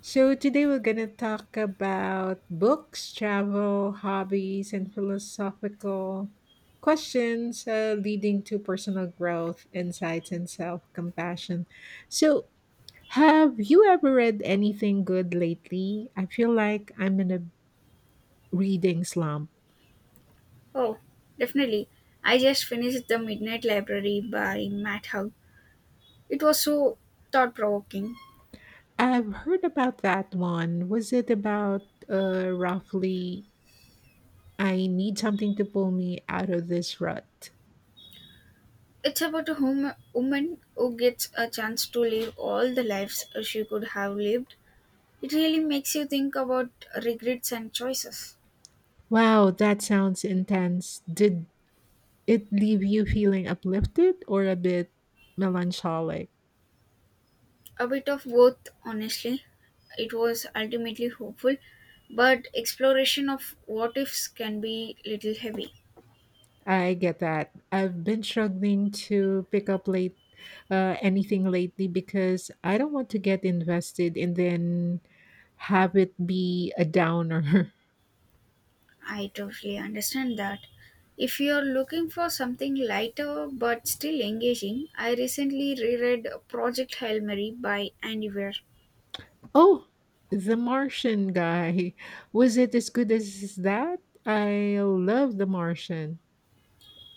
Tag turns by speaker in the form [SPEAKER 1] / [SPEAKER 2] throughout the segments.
[SPEAKER 1] So today we're going to talk about books, travel, hobbies, and philosophical questions leading to personal growth, insights, and self compassion. So, have you ever read anything good lately? I feel like I'm in a reading slump.
[SPEAKER 2] Oh, definitely. I just finished The Midnight Library by Matt Haig. It was so thought provoking.
[SPEAKER 1] I've heard about that one. Was it about uh, roughly, I need something to pull me out of this rut?
[SPEAKER 2] It's about a woman who gets a chance to live all the lives she could have lived. It really makes you think about regrets and choices.
[SPEAKER 1] Wow, that sounds intense. Did it leave you feeling uplifted or a bit melancholic?
[SPEAKER 2] A bit of both, honestly. It was ultimately hopeful, but exploration of what ifs can be little heavy.
[SPEAKER 1] I get that. I've been struggling to pick up late anything lately because I don't want to get invested and then have it be a downer.
[SPEAKER 2] I totally understand that. If you're looking for something lighter but still engaging, I recently reread Project Hail Mary by Andy Weir.
[SPEAKER 1] Oh, The Martian guy. Was it as good as that? I love The Martian.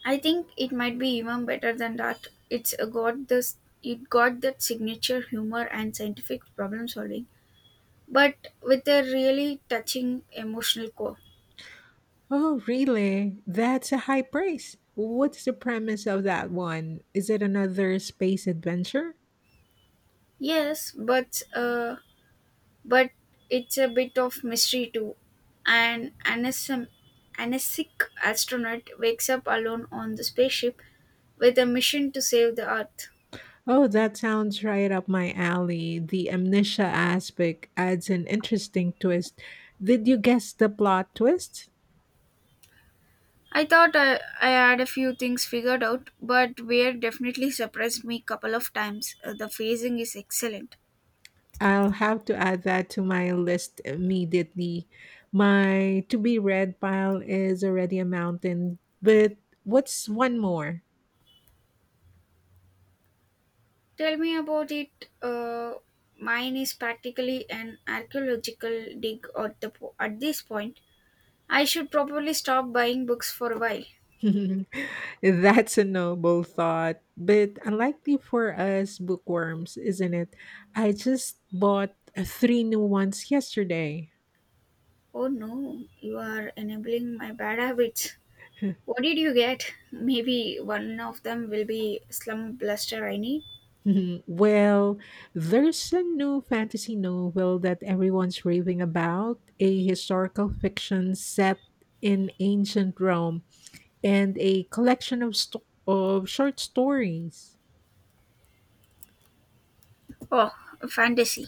[SPEAKER 2] I think it might be even better than that. It's got this it got that signature humor and scientific problem solving, but with a really touching emotional core.
[SPEAKER 1] Oh, really? That's a high praise. What's the premise of that one? Is it another space adventure?
[SPEAKER 2] Yes, but it's a bit of mystery too. An anasic astronaut wakes up alone on the spaceship with a mission to save the Earth.
[SPEAKER 1] Oh, that sounds right up my alley. The amnesia aspect adds an interesting twist. Did you guess the plot twist?
[SPEAKER 2] I thought I had a few things figured out, but Weir definitely surprised me couple of times. The phasing is excellent.
[SPEAKER 1] I'll have to add that to my list immediately. My to be read pile is already a mountain, but what's one more?
[SPEAKER 2] Tell me about it. Uh, mine is practically an archaeological dig at this point. I should probably stop buying books for a while.
[SPEAKER 1] That's a noble thought, but unlikely for us bookworms, isn't it? I just bought three new ones yesterday.
[SPEAKER 2] Oh no, you are enabling my bad habits. What did you get? Maybe one of them will be Slum Bluster I need.
[SPEAKER 1] Well, there's a new fantasy novel that everyone's raving about, a historical fiction set in ancient Rome, and a collection of short stories.
[SPEAKER 2] Oh, Fantasy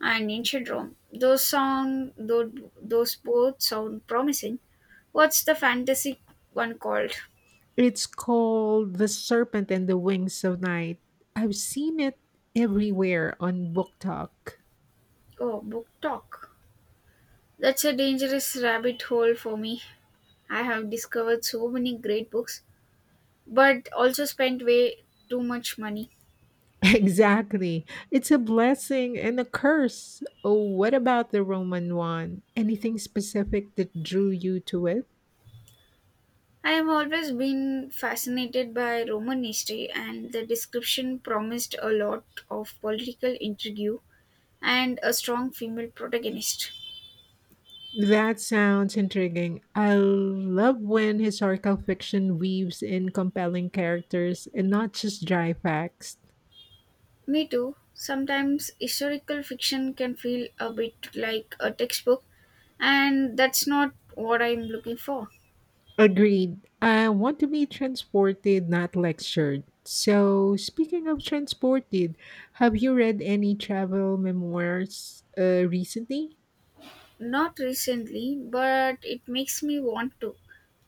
[SPEAKER 2] and Ancient Rome. Those both sound promising. What's the fantasy one called?
[SPEAKER 1] It's called The Serpent and the Wings of Night. I've seen it everywhere on Book Talk.
[SPEAKER 2] Oh, Book Talk. That's a dangerous rabbit hole for me. I have discovered so many great books, but also spent way too much money.
[SPEAKER 1] Exactly. It's a blessing and a curse. Oh, what about the Roman one? Anything specific that drew you to it?
[SPEAKER 2] I have always been fascinated by Roman history, and the description promised a lot of political intrigue and a strong female protagonist.
[SPEAKER 1] That sounds intriguing. I love when historical fiction weaves in compelling characters and not just dry facts.
[SPEAKER 2] Me too. Sometimes historical fiction can feel a bit like a textbook, and that's not what I'm looking for.
[SPEAKER 1] Agreed. I want to be transported, not lectured. So, speaking of transported, have you read any travel memoirs recently?
[SPEAKER 2] Not recently, but it makes me want to.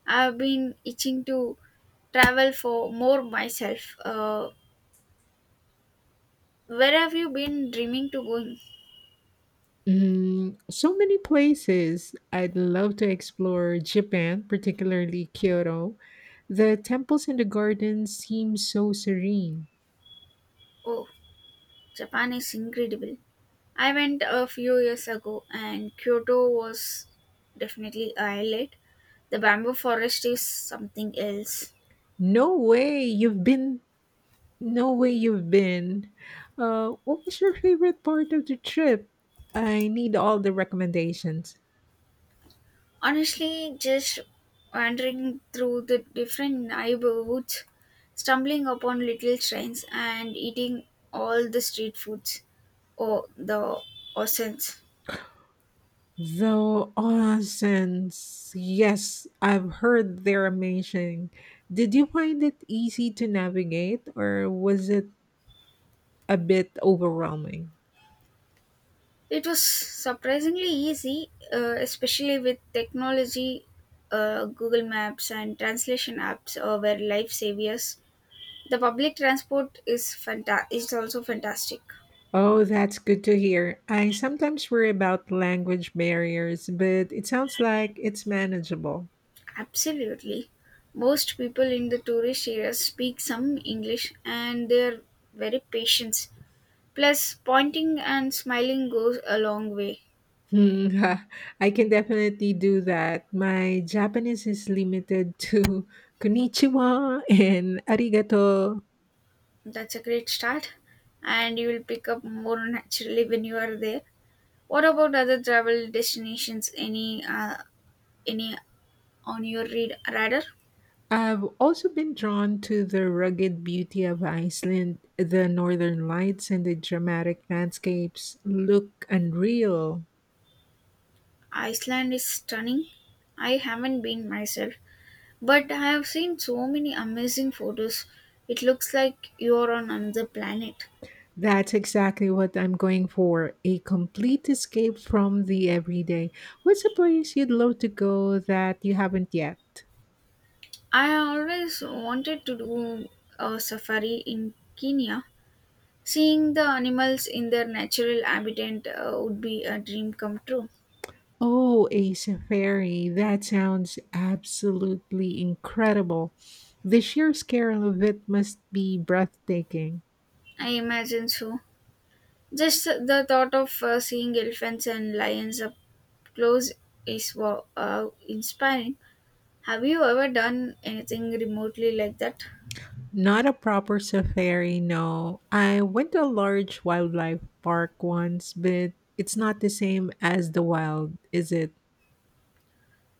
[SPEAKER 2] I've been itching to travel for more myself. Where have you been dreaming to going?
[SPEAKER 1] Mm, so many places. I'd love to explore Japan, particularly Kyoto. The temples and the gardens seem so serene.
[SPEAKER 2] Oh. Japan is incredible. I went a few years ago and Kyoto was definitely a highlight. The bamboo forest is something else.
[SPEAKER 1] No way you've been. What was your favorite part of the trip? I need all the recommendations.
[SPEAKER 2] Honestly, just wandering through the different neighborhoods, stumbling upon little shrines, and eating all the street foods or the oceans.
[SPEAKER 1] Though onsen's, yes, I've heard they're amazing. Did you find it easy to navigate or was it a bit overwhelming?
[SPEAKER 2] It was surprisingly easy, especially with technology. Google Maps and translation apps were lifesavers. The public transport is also fantastic.
[SPEAKER 1] Oh, that's good to hear. I sometimes worry about language barriers, but it sounds like it's manageable.
[SPEAKER 2] Absolutely, most people in the tourist areas speak some English, and they are very patient. Plus, pointing and smiling goes a long way.
[SPEAKER 1] Hmm, I can definitely do that. My Japanese is limited to konnichiwa and arigato.
[SPEAKER 2] That's a great start, and you will pick up more naturally when you are there. What about other travel destinations? Any on your radar?
[SPEAKER 1] I've also been drawn to the rugged beauty of Iceland. The northern lights and the dramatic landscapes look unreal.
[SPEAKER 2] Iceland is stunning. I haven't been myself, but I have seen so many amazing photos. It looks like you're on another planet.
[SPEAKER 1] That's exactly what I'm going for, a complete escape from the everyday. What's a place you'd love to go that you haven't yet?
[SPEAKER 2] I always wanted to do a safari in Kenya. Seeing the animals in their natural habitat would be a dream come true.
[SPEAKER 1] Oh, a safari. That sounds absolutely incredible. The sheer scale of it must be breathtaking.
[SPEAKER 2] I imagine so. Just the thought of seeing elephants and lions up close is wow, inspiring. Have you ever done anything remotely like that?
[SPEAKER 1] Not a proper safari, no. I went to a large wildlife park once, but it's not the same as the wild, is it?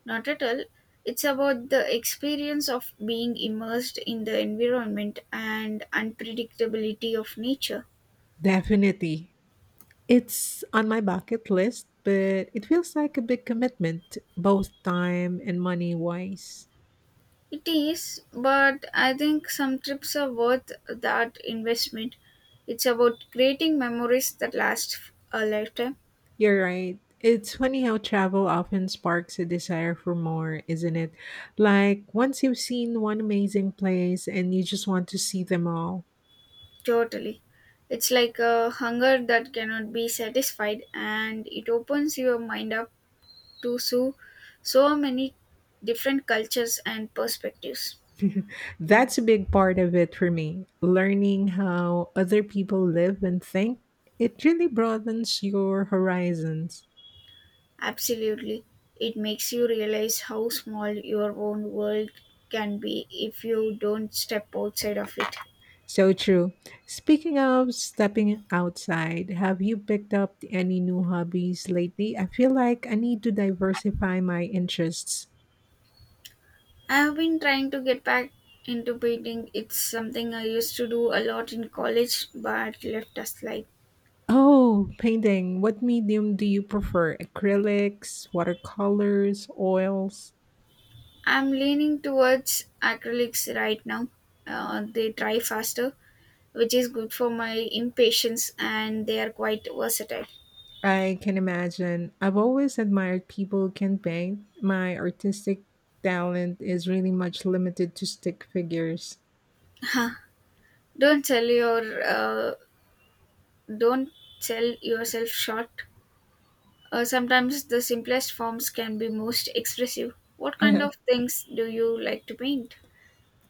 [SPEAKER 2] Not at all. It's about the experience of being immersed in the environment and unpredictability of nature.
[SPEAKER 1] Definitely. It's on my bucket list, but it feels like a big commitment, both time and money wise.
[SPEAKER 2] It is, but I think some trips are worth that investment. It's about creating memories that last a lifetime.
[SPEAKER 1] You're right. It's funny how travel often sparks a desire for more, isn't it? Like once you've seen one amazing place and you just want to see them all.
[SPEAKER 2] Totally. It's like a hunger that cannot be satisfied and it opens your mind up to so many different cultures and perspectives.
[SPEAKER 1] That's a big part of it for me. Learning how other people live and think, it really broadens your horizons.
[SPEAKER 2] Absolutely. It makes you realize how small your own world can be if you don't step outside of it.
[SPEAKER 1] So true. Speaking of stepping outside, have you picked up any new hobbies lately? I feel like I need to diversify my interests.
[SPEAKER 2] I have been trying to get back into painting. It's something I used to do a lot in college but left aside.
[SPEAKER 1] Oh, painting. What medium do you prefer? Acrylics, watercolors, oils?
[SPEAKER 2] I'm leaning towards acrylics right now. They dry faster, which is good for my impatience, and they are quite versatile.
[SPEAKER 1] I can imagine. I've always admired people who can paint. My artistic talent is really much limited to stick figures.
[SPEAKER 2] Huh. Don't sell your uh, don't sell yourself short. Sometimes the simplest forms can be most expressive. What kind of things do you like to paint?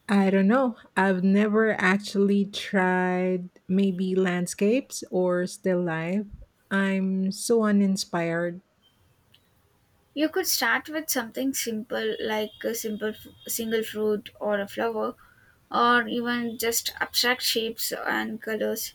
[SPEAKER 1] I don't know. I've never actually tried, maybe landscapes or still life. I'm so uninspired.
[SPEAKER 2] You could start with something simple like a simple single fruit or a flower, or even just abstract shapes and colors.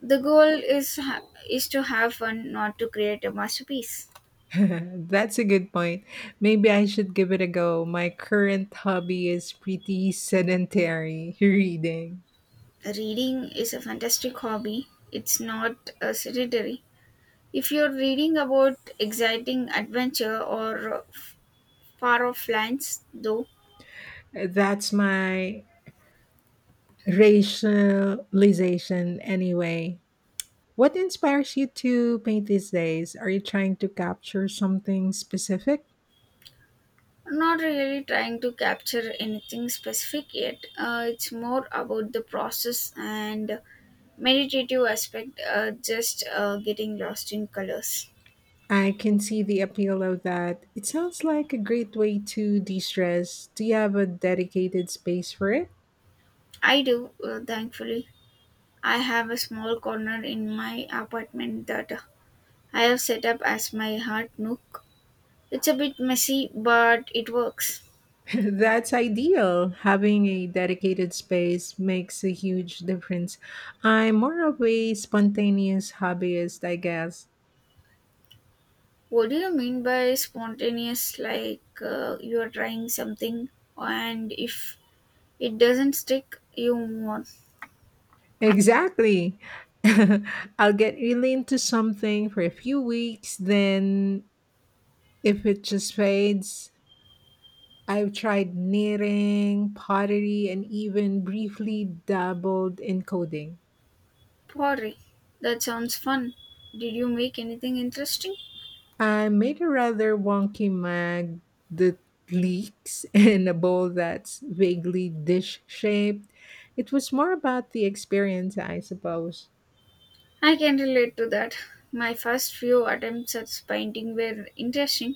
[SPEAKER 2] The goal is to have fun, not to create a masterpiece.
[SPEAKER 1] That's a good point. Maybe I should give it a go. My current hobby is pretty sedentary, reading.
[SPEAKER 2] Reading is a fantastic hobby. It's not sedentary. If you're reading about exciting adventure or far off lands, though,
[SPEAKER 1] That's my racialization anyway. What inspires you to paint these days? Are you trying to capture something specific?
[SPEAKER 2] not really trying to capture anything specific yet. It's more about the process and meditative aspect, just getting lost in colors.
[SPEAKER 1] I can see the appeal of that. It sounds like a great way to de stress. Do you have a dedicated space for it?
[SPEAKER 2] I do, thankfully. I have a small corner in my apartment that I have set up as my heart nook. It's a bit messy, but it works.
[SPEAKER 1] That's ideal. Having a dedicated space makes a huge difference. I'm more of a spontaneous hobbyist, I guess.
[SPEAKER 2] What do you mean by spontaneous? Like, you are trying something, and if it doesn't stick, you move on.
[SPEAKER 1] Exactly. I'll get really into something for a few weeks, then if it just fades, I've tried knitting, pottery, and even briefly dabbled in coding.
[SPEAKER 2] Pottery. That sounds fun. Did you make anything interesting?
[SPEAKER 1] I made a rather wonky mug that leaks and a bowl that's vaguely dish shaped. It was more about the experience, I suppose.
[SPEAKER 2] I can relate to that. My first few attempts at painting were interesting,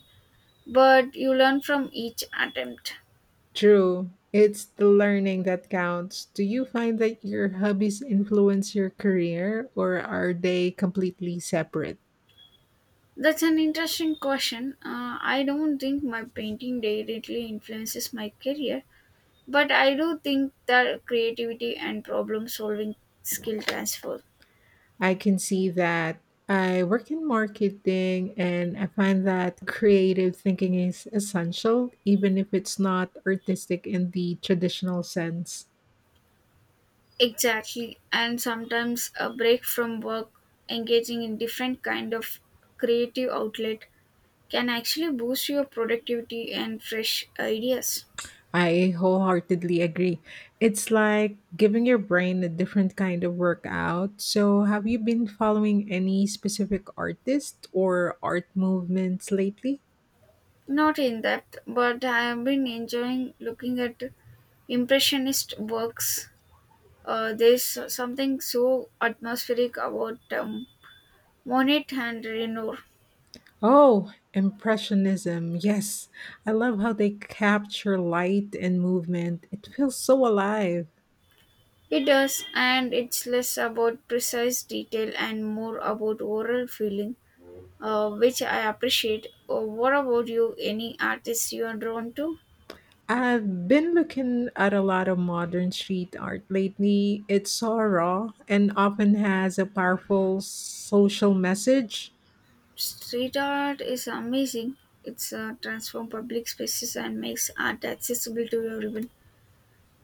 [SPEAKER 2] but you learn from each attempt.
[SPEAKER 1] True. It's the learning that counts. Do you find that your hobbies influence your career or are they completely separate?
[SPEAKER 2] That's an interesting question. I don't think my painting directly influences my career, but I do think that creativity and problem solving skill transfer.
[SPEAKER 1] I can see that. I work in marketing and I find that creative thinking is essential, even if it's not artistic in the traditional sense.
[SPEAKER 2] Exactly, and sometimes a break from work, engaging in different kind of creative outlet can actually boost your productivity and fresh ideas.
[SPEAKER 1] I wholeheartedly agree. It's like giving your brain a different kind of workout. So, have you been following any specific artist or art movements lately?
[SPEAKER 2] Not in that, but I have been enjoying looking at impressionist works. There's something so atmospheric about Monet and Renoir.
[SPEAKER 1] Oh, Impressionism. Yes. I love how they capture light and movement. It feels so alive.
[SPEAKER 2] It does, and it's less about precise detail and more about overall feeling, which I appreciate. What about you? Any artists you are drawn to?
[SPEAKER 1] I've been looking at a lot of modern street art lately. It's so raw and often has a powerful social message.
[SPEAKER 2] Street art is amazing. It's transform public spaces and makes art accessible to everyone.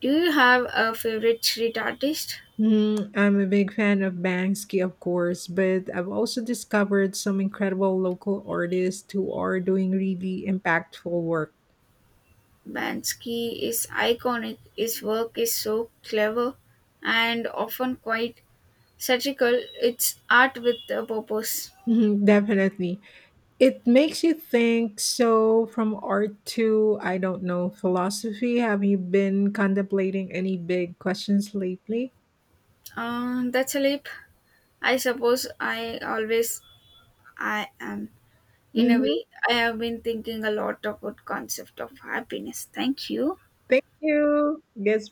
[SPEAKER 2] Do you have a favorite street artist?
[SPEAKER 1] Hmm, I'm a big fan of Banksy, of course, but I've also discovered some incredible local artists who are doing really impactful work.
[SPEAKER 2] Bansky is iconic, his work is so clever and often quite satirical, it's art with a purpose.
[SPEAKER 1] Mhm, definitely. It makes you think. So, from art to, I don't know, philosophy, have you been contemplating any big questions lately?
[SPEAKER 2] That's a leap. I suppose I am. In a
[SPEAKER 1] Mm-hmm.
[SPEAKER 2] way, I have been thinking a lot about concept of happiness. Thank you.
[SPEAKER 1] Thank you. Guess